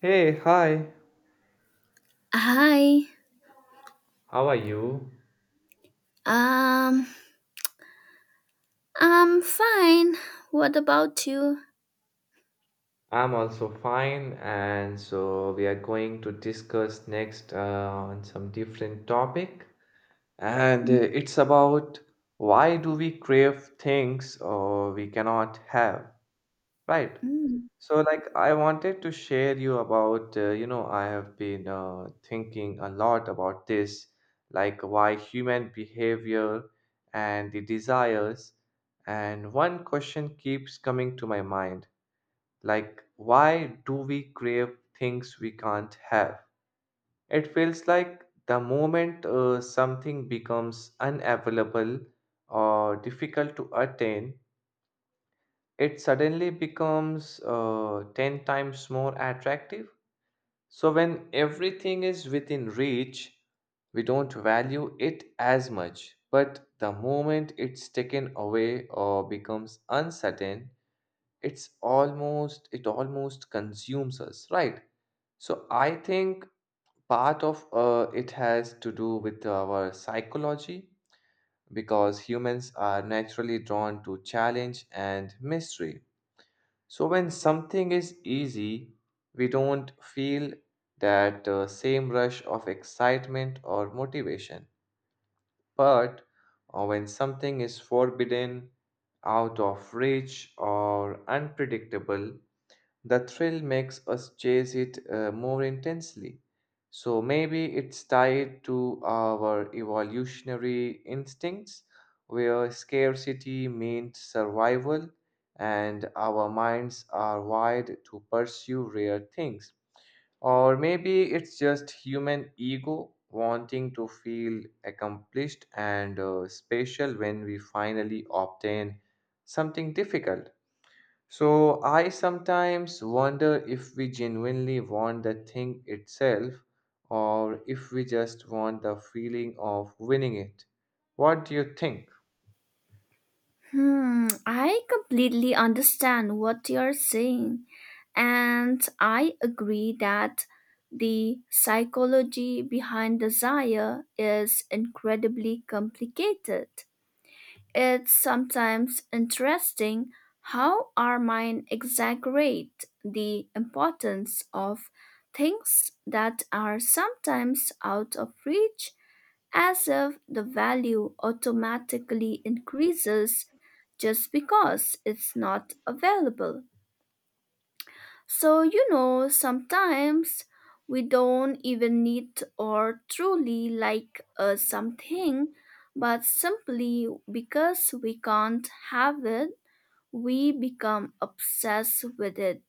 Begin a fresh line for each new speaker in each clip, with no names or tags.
Hey, hi,
Hi.
how are you?
Um, I'm fine. What about you?
I'm also fine, and so we are going to discuss next on some different topic, and it's about why do we crave things or we cannot have, right?
Mm.
I wanted to share you about, I have been thinking a lot about this, like why human behavior and the desires. And one question keeps coming to my mind, like, why do we crave things we can't have? It feels like the moment something becomes unavailable or difficult to attain, it suddenly becomes 10 times more attractive. So, when everything is within reach, we don't value it as much. But the moment it's taken away or becomes uncertain, it almost consumes us, right? So, I think part of it has to do with our psychology because humans are naturally drawn to challenge and mystery. So, when something is easy, we don't feel that same rush of excitement or motivation. But when something is forbidden, out of reach, or unpredictable, the thrill makes us chase it more intensely. So maybe it's tied to our evolutionary instincts, where scarcity means survival, and our minds are wired to pursue rare things. Or maybe it's just human ego wanting to feel accomplished and special when we finally obtain something difficult. So I sometimes wonder if we genuinely want the thing itself or if we just want the feeling of winning it. What do you think?
Hmm, I completely understand what you're saying, and I agree that the psychology behind desire is incredibly complicated. It's sometimes interesting how our mind exaggerate the importance of things that are sometimes out of reach, as if the value automatically increases just because it's not available. So, you know, sometimes we don't even need or truly like something, but simply because we can't have it, we become obsessed with it.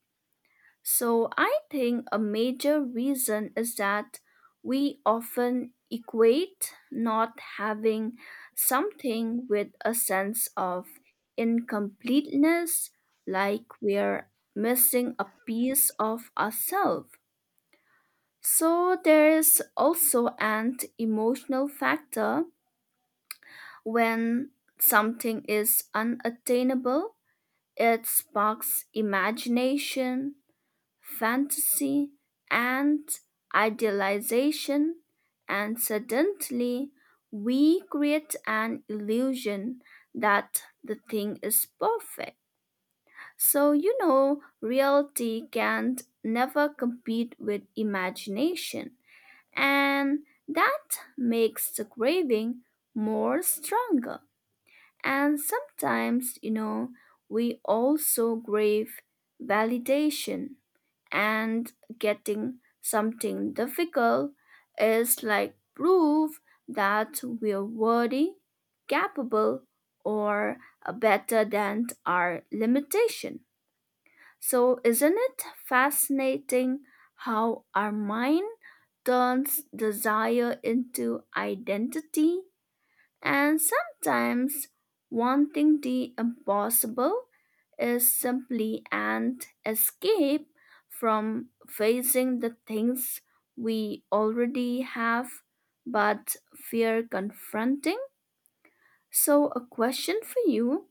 So I think a major reason is that we often equate not having something with a sense of incompleteness, like we're missing a piece of ourselves. So there is also an emotional factor when something is unattainable. It sparks imagination, fantasy, and idealization, and suddenly we create an illusion that the thing is perfect. So, you know, reality can never compete with imagination, and that makes the craving more stronger. And sometimes, you know, we also crave validation, and getting something difficult is like proof that we're worthy, capable, or better than our limitation. So, isn't it fascinating how our mind turns desire into identity, and sometimes wanting the impossible is simply an escape from facing the things we already have but fear confronting. So, a question for you: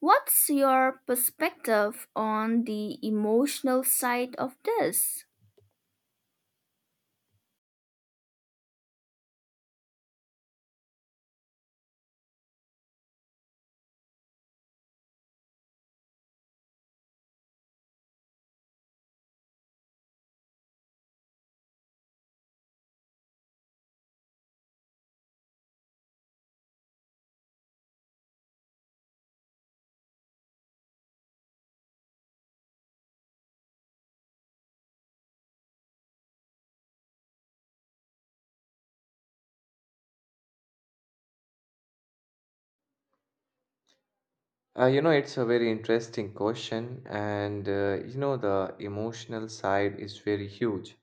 what's your perspective on the emotional side of this?
It's a very interesting question, and the emotional side is very huge.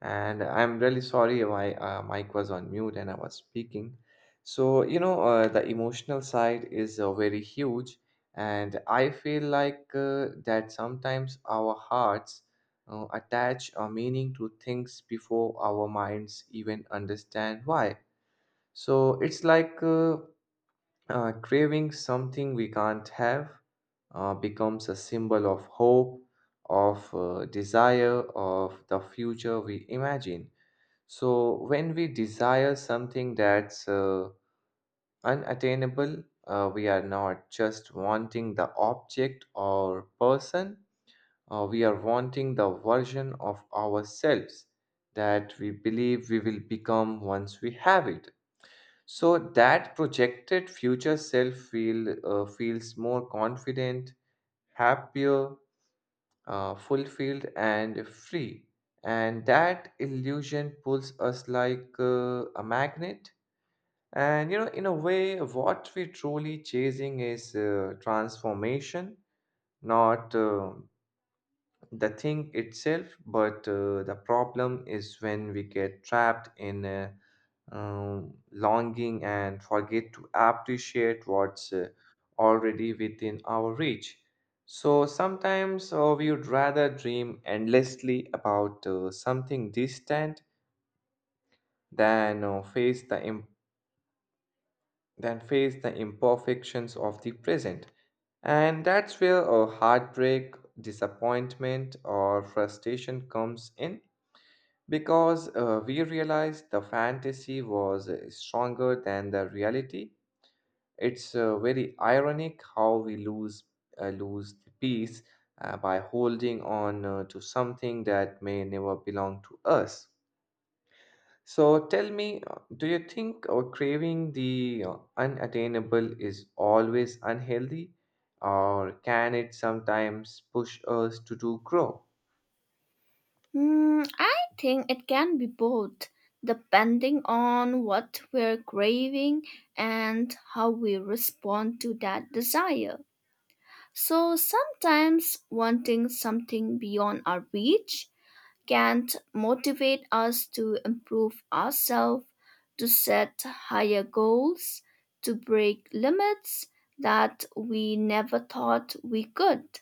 And I'm really sorry, my mic was on mute and I was speaking. So, the emotional side is very huge, and I feel like that sometimes our hearts attach a meaning to things before our minds even understand why. So, it's like craving something we can't have becomes a symbol of hope, of desire, of the future we imagine. So, when we desire something that's unattainable, we are not just wanting the object or person, we are wanting the version of ourselves that we believe we will become once we have it. So that projected future self feel feels more confident, happier, fulfilled, and free. And that illusion pulls us like a magnet. And you know, in a way, what we're truly chasing is transformation, not the thing itself, but the problem is when we get trapped in a longing and forget to appreciate what's already within our reach. So sometimes we would rather dream endlessly about something distant than than face the imperfections of the present. And that's where a heartbreak, disappointment, or frustration comes in. Because we realized the fantasy was stronger than the reality. It's very ironic how we lose the peace by holding on to something that may never belong to us. So tell me, do you think craving the unattainable is always unhealthy, or can it sometimes push us to do grow?
Hmm, I think it can be both, depending on what we're craving and how we respond to that desire. So sometimes wanting something beyond our reach can motivate us to improve ourselves, to set higher goals, to break limits that we never thought we could.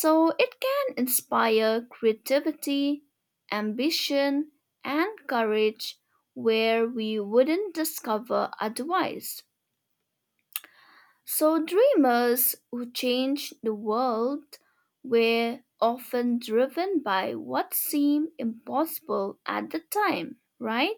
So it can inspire creativity, ambition, and courage where we wouldn't discover otherwise. So dreamers who change the world were often driven by what seemed impossible at the time, right?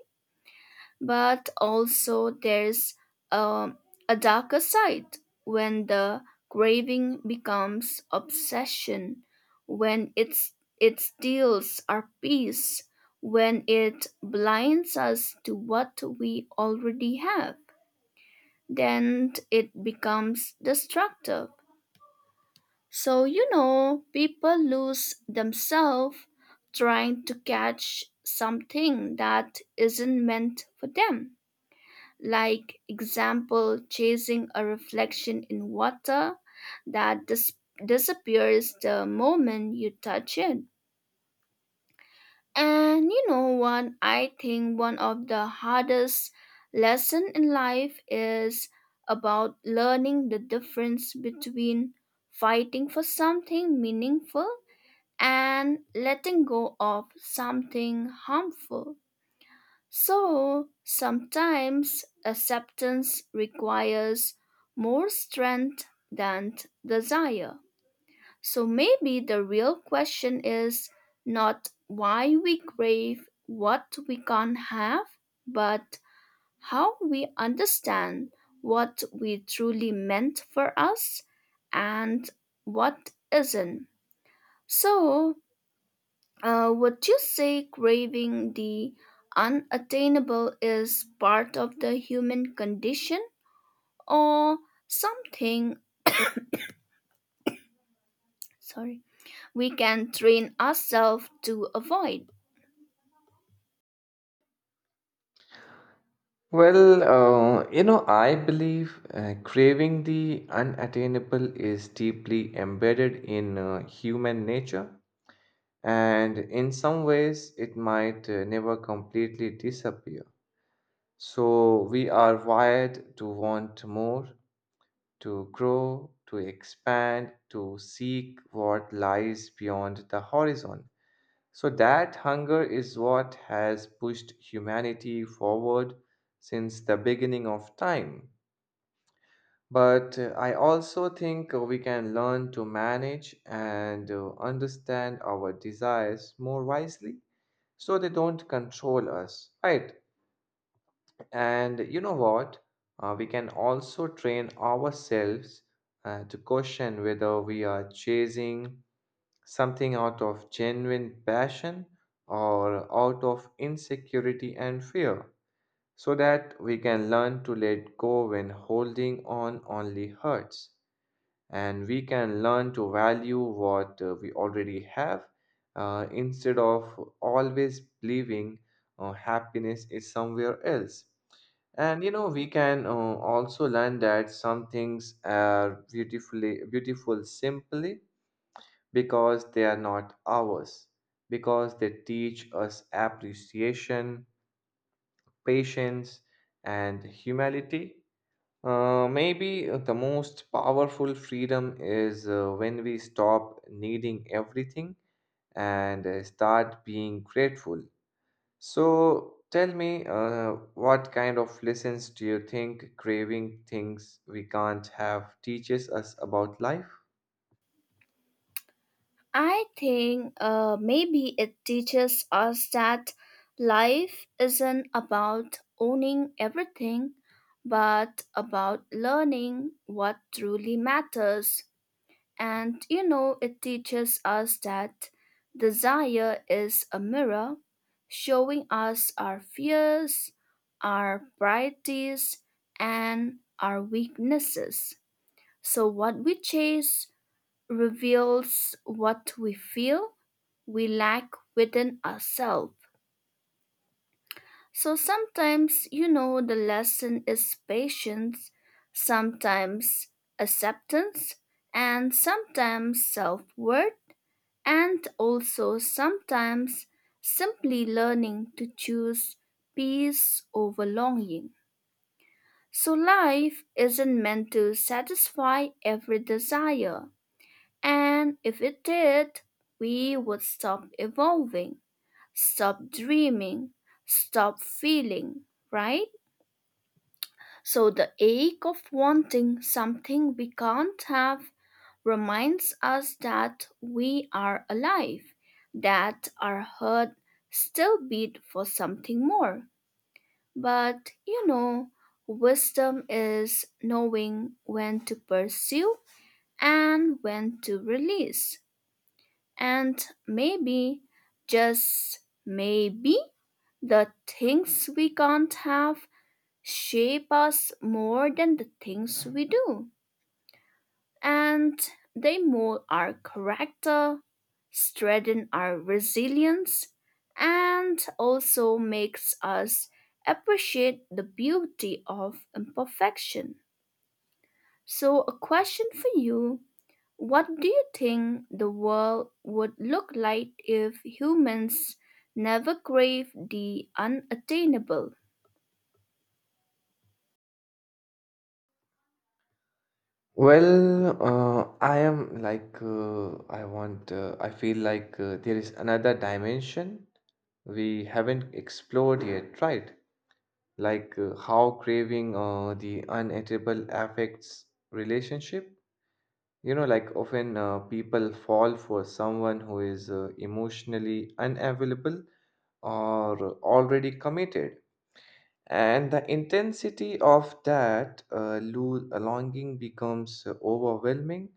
But also there's a, a darker side. When the craving becomes obsession, when it steals our peace, when it blinds us to what we already have, then it becomes destructive. So, you know, people lose themselves trying to catch something that isn't meant for them, like, example, chasing a reflection in water that disappears the moment you touch it. And you know what, I think one of the hardest lesson in life is about learning the difference between fighting for something meaningful and letting go of something harmful. So sometimes acceptance requires more strength than desire. So maybe the real question is not why we crave what we can't have, but how we understand what we truly meant for us and what isn't. So, would you say craving the unattainable is part of the human condition, or something, sorry, we can train ourselves to avoid?
Well, I believe craving the unattainable is deeply embedded in human nature, and in some ways, it might never completely disappear. So, we are wired to want more, to grow, to expand, to seek what lies beyond the horizon. So, that hunger is what has pushed humanity forward since the beginning of time. But I also think we can learn to manage and understand our desires more wisely so they don't control us, right? And you know what? We can also train ourselves to question whether we are chasing something out of genuine passion or out of insecurity and fear, so that we can learn to let go when holding on only hurts and we can learn to value what we already have instead of always believing happiness is somewhere else. And you know, we can also learn that some things are beautifully beautiful simply because they are not ours, because they teach us appreciation, patience, and humility. Maybe the most powerful freedom is when we stop needing everything and start being grateful. So tell me, what kind of lessons do you think craving things we can't have teaches us about life?
I think maybe it teaches us that life isn't about owning everything but about learning what truly matters. And you know, it teaches us that desire is a mirror, showing us our fears, our priorities, and our weaknesses. So, what we chase reveals what we feel we lack within ourselves. So, sometimes, you know, the lesson is patience, sometimes acceptance, and sometimes self worth, and also sometimes simply learning to choose peace over longing. So, life isn't meant to satisfy every desire, and if it did, we would stop evolving, stop dreaming, stop feeling, right? So the ache of wanting something we can't have reminds us that we are alive, that our heart still beat for something more. But you know, wisdom is knowing when to pursue and when to release. And maybe, just maybe, the things we can't have shape us more than the things we do. And they mold our character, strengthen our resilience, and also makes us appreciate the beauty of imperfection. So a question for you: what do you think the world would look like if humans never crave the unattainable?
Well, I am like, I want, I feel like there is another dimension we haven't explored yet, right? Like how craving the uneatable affects relationship. You know, like often people fall for someone who is emotionally unavailable or already committed, and the intensity of that longing becomes overwhelming.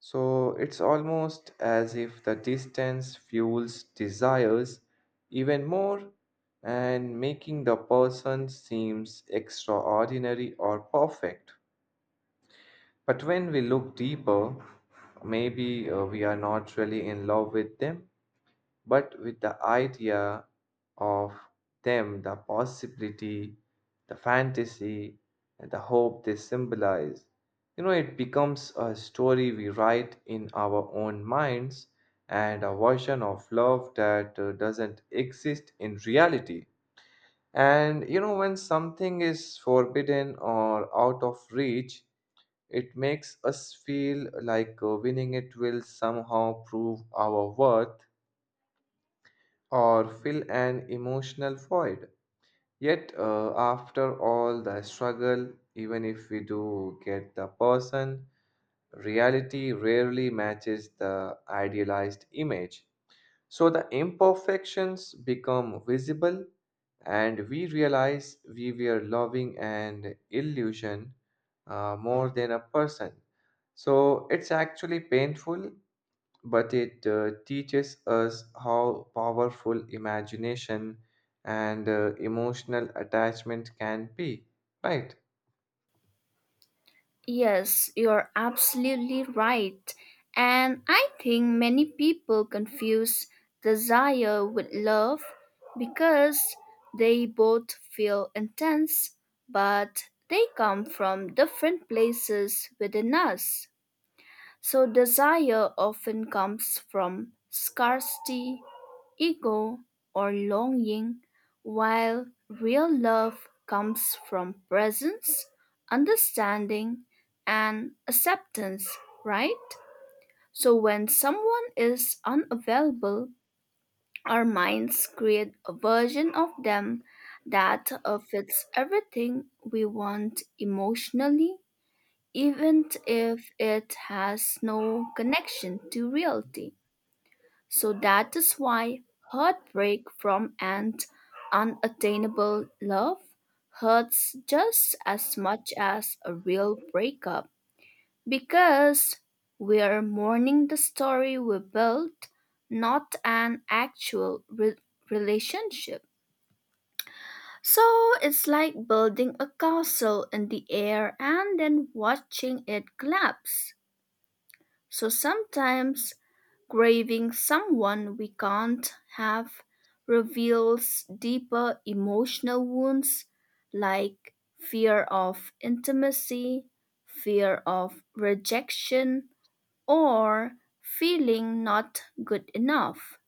So it's almost as if the distance fuels desires even more and making the person seems extraordinary or perfect. But when we look deeper, maybe we are not really in love with them but with the idea of them, the possibility, the fantasy, and the hope they symbolize. You know, it becomes a story we write in our own minds and a version of love that doesn't exist in reality. And you know, when something is forbidden or out of reach, it makes us feel like winning it will somehow prove our worth or fill an emotional void. Yet, after all the struggle, even if we do get the person, reality rarely matches the idealized image. So the imperfections become visible, and we realize we were loving an illusion more than a person. So it's actually painful but it teaches us how powerful imagination and emotional attachment can be, right?
Yes, you're absolutely right. And I think many people confuse desire with love because they both feel intense, but they come from different places within us. So, desire often comes from scarcity, ego, or longing, while real love comes from presence, understanding, and acceptance, right? So, when someone is unavailable, our minds create a version of them that fits everything we want emotionally, even if it has no connection to reality. So that is why heartbreak from an unattainable love hurts just as much as a real breakup, because we are mourning the story we built, not an actual relationship. So it's like building a castle in the air and then watching it collapse. So sometimes grieving someone we can't have reveals deeper emotional wounds, like fear of intimacy, fear of rejection, or feeling not good enough.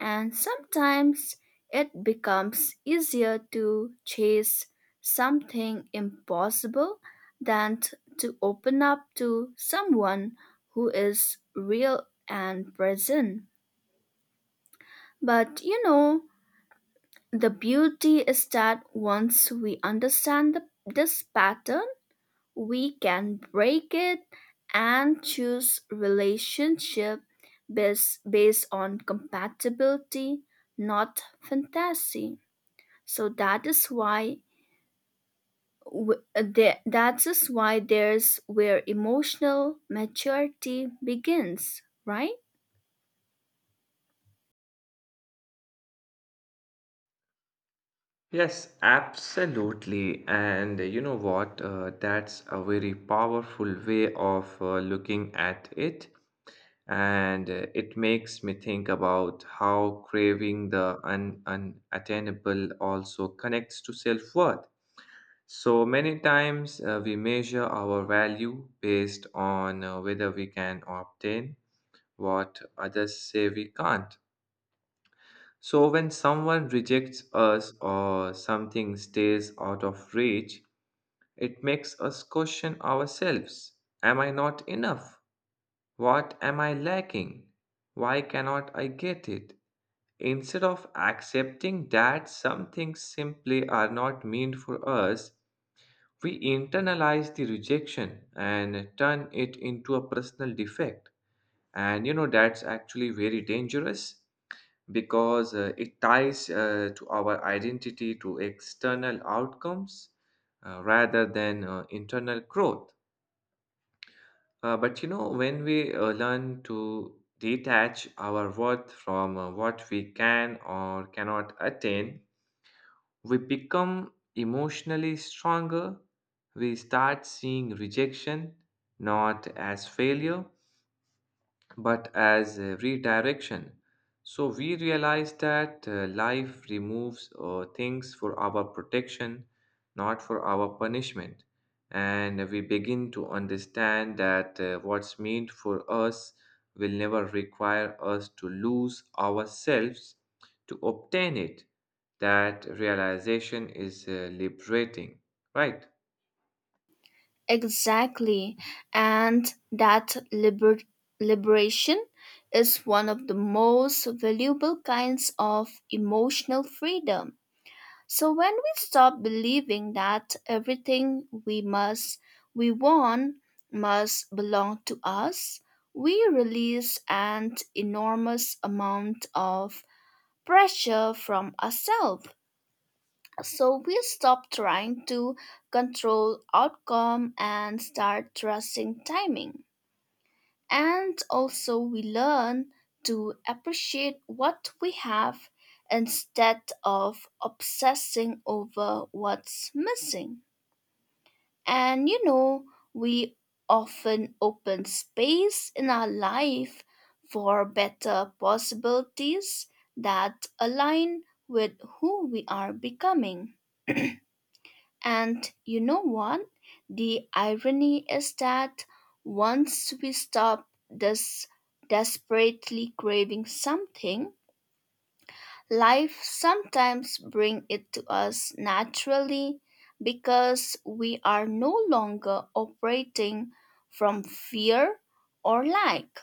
And sometimes it becomes easier to chase something impossible than to open up to someone who is real and present. But you know, the beauty is that once we understand this pattern, we can break it and choose relationship based on compatibility, not fantasy. So that is why that is why there's where emotional maturity begins, right?
Yes, absolutely. And you know what? That's a very powerful way of looking at it. And it makes me think about how craving the unattainable also connects to self worth. So many times we measure our value based on whether we can obtain what others say we can't. So when someone rejects us or something stays out of reach, it makes us question ourselves. Am I not enough? What am I lacking? Why cannot I get it? Instead of accepting that some things simply are not meant for us, we internalize the rejection and turn it into a personal defect. And you know, that's actually very dangerous because it ties to our identity to external outcomes rather than internal growth. But you know, when we learn to detach our worth from what we can or cannot attain, we become emotionally stronger. We start seeing rejection not as failure but as a redirection. So we realize that life removes things for our protection, not for our punishment. And we begin to understand that what's meant for us will never require us to lose ourselves to obtain it. That realization is liberating, right?
Exactly. And that liberation is one of the most valuable kinds of emotional freedom. So when we stop believing that everything we want must belong to us, we release an enormous amount of pressure from ourselves. So we stop trying to control outcome and start trusting timing. And also, we learn to appreciate what we have instead of obsessing over what's missing. And you know, we often open space in our life for better possibilities that align with who we are becoming. And you know what? The irony is that once we stop this desperately craving something, life sometimes brings it to us naturally because we are no longer operating from fear or lack.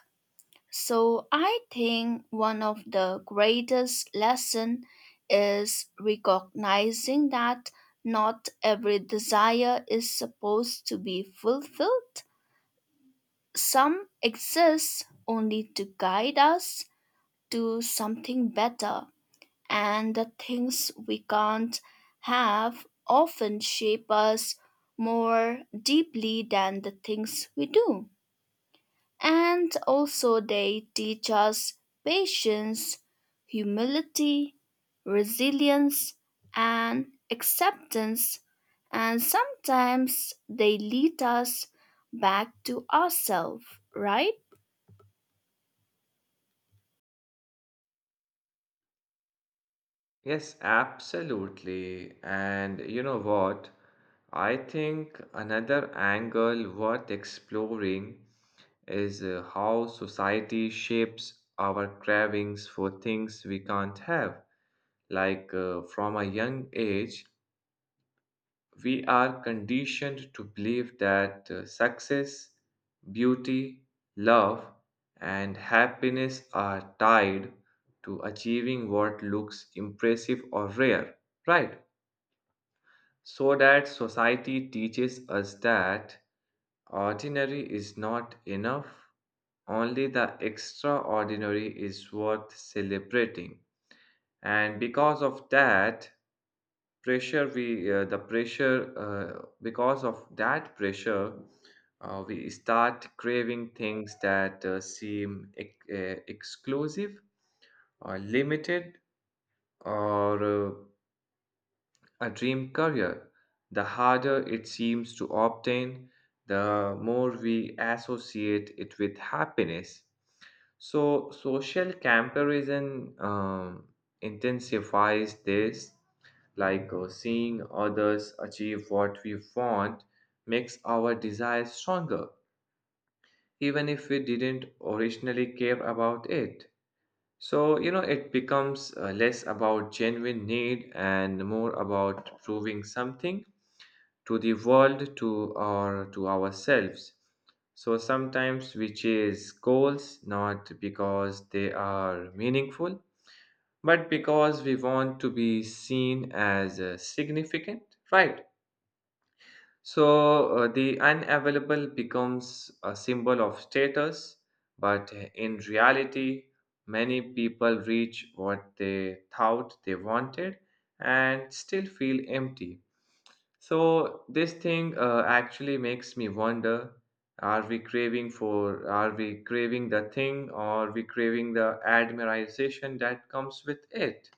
So I think one of the greatest lesson is recognizing that not every desire is supposed to be fulfilled. Some exist only to guide us to something better, and the things we can't have often shape us more deeply than the things we do. And also, they teach us patience, humility, resilience, and acceptance. And sometimes they lead us back to ourselves, right?
Yes, absolutely. And you know what? I think another angle worth exploring is how society shapes our cravings for things we can't have. Like from a young age, we are conditioned to believe that success, beauty, love, and happiness are tied to achieving what looks impressive or rare, right? So that society teaches us that ordinary is not enough, only the extraordinary is worth celebrating. And because of that, pressure we the pressure because of that pressure we start craving things that seem exclusive or limited or a dream career, the harder it seems to obtain, the more we associate it with happiness. So, social comparison intensifies this, like seeing others achieve what we want makes our desire stronger, even if we didn't originally care about it. So, you know, it becomes less about genuine need and more about proving something to the world to or to ourselves. So sometimes we chase goals not because they are meaningful but because we want to be seen as significant, right? So the unavailable becomes a symbol of status, but in reality many people reach what they thought they wanted and still feel empty. So this thing actually makes me wonder: are we craving for? Are we craving the thing, or are we craving the admiration that comes with it?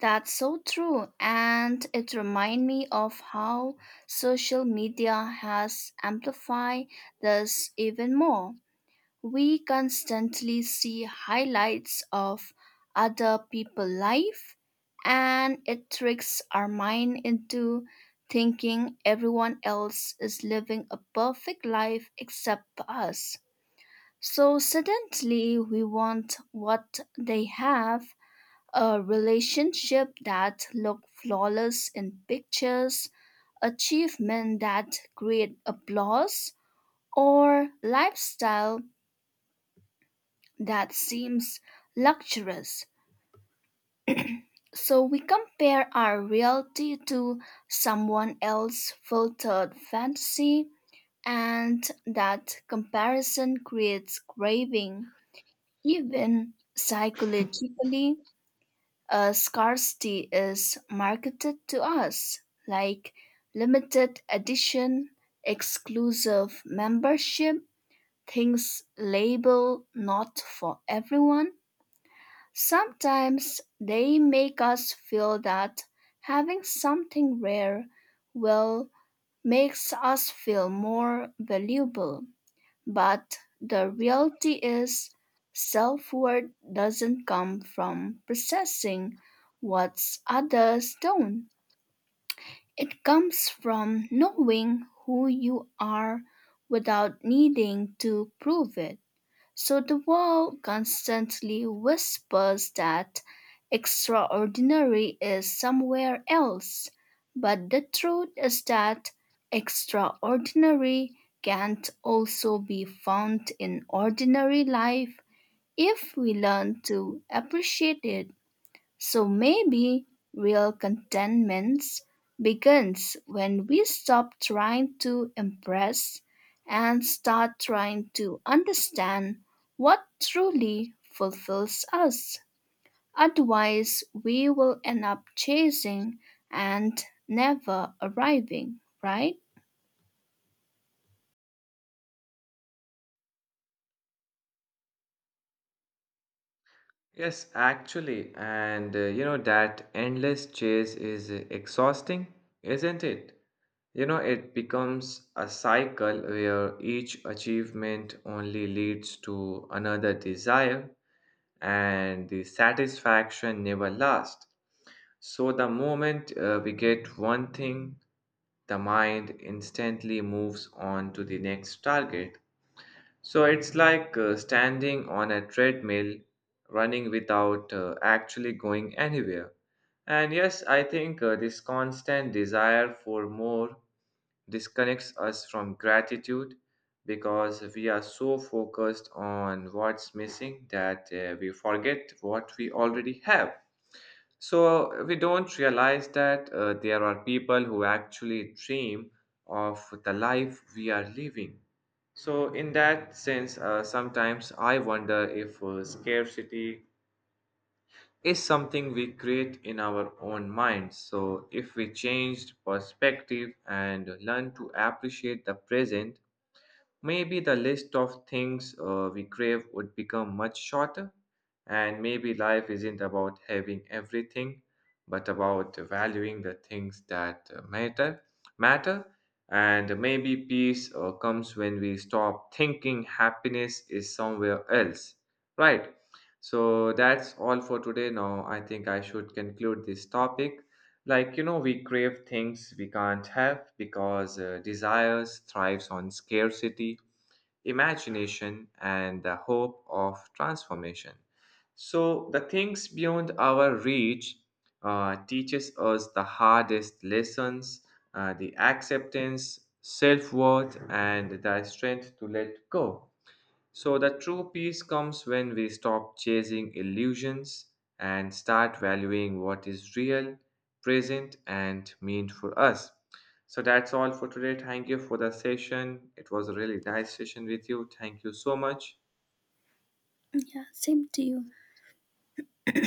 That's so true. And it reminds me of how social media has amplified this even more. We constantly see highlights of other people's life, and it tricks our mind into thinking everyone else is living a perfect life except for us. So suddenly we want what they have, a relationship that look flawless in pictures, achievement that create applause, or lifestyle that seems luxurious. So we compare our reality to someone else's filtered fantasy, and that comparison creates craving. Even psychologically, a scarcity is marketed to us, like limited edition, exclusive membership, things labeled not for everyone. Sometimes they make us feel that having something rare will makes us feel more valuable. But the reality is, self-worth doesn't come from possessing what others don't. It comes from knowing who you are without needing to prove it. So the world constantly whispers that extraordinary is somewhere else, but the truth is that extraordinary can not also be found in ordinary life if we learn to appreciate it. So maybe real contentment begins when we stop trying to impress and start trying to understand what truly fulfills us. Otherwise, we will end up chasing and never arriving, right?
Yes, actually, and you know that endless chase is exhausting, isn't it? You know, it becomes a cycle where each achievement only leads to another desire, and the satisfaction never lasts. So the moment we get one thing, the mind instantly moves on to the next target. So it's like standing on a treadmill, running without actually going anywhere. And yes, I think this constant desire for more disconnects us from gratitude because we are so focused on what's missing that we forget what we already have. So we don't realize that there are people who actually dream of the life we are living. So, in that sense, sometimes I wonder if scarcity is something we create in our own minds. So, if we changed perspective and learn to appreciate the present, maybe the list of things we crave would become much shorter, and maybe life isn't about having everything, but about valuing the things that matter. And maybe peace comes when we stop thinking happiness is somewhere else, right? So that's all for today. Now I think I should conclude this topic. Like you know, we crave things we can't have because desires thrives on scarcity, imagination, and the hope of transformation. So, the things beyond our reach teaches us the hardest lessons, the acceptance, self-worth, and the strength to let go. So, the true peace comes when we stop chasing illusions and start valuing what is real, present, and meant for us. So, that's all for today. Thank you for the session. It was a really nice session with you. Thank you so much.
Yeah, same to you.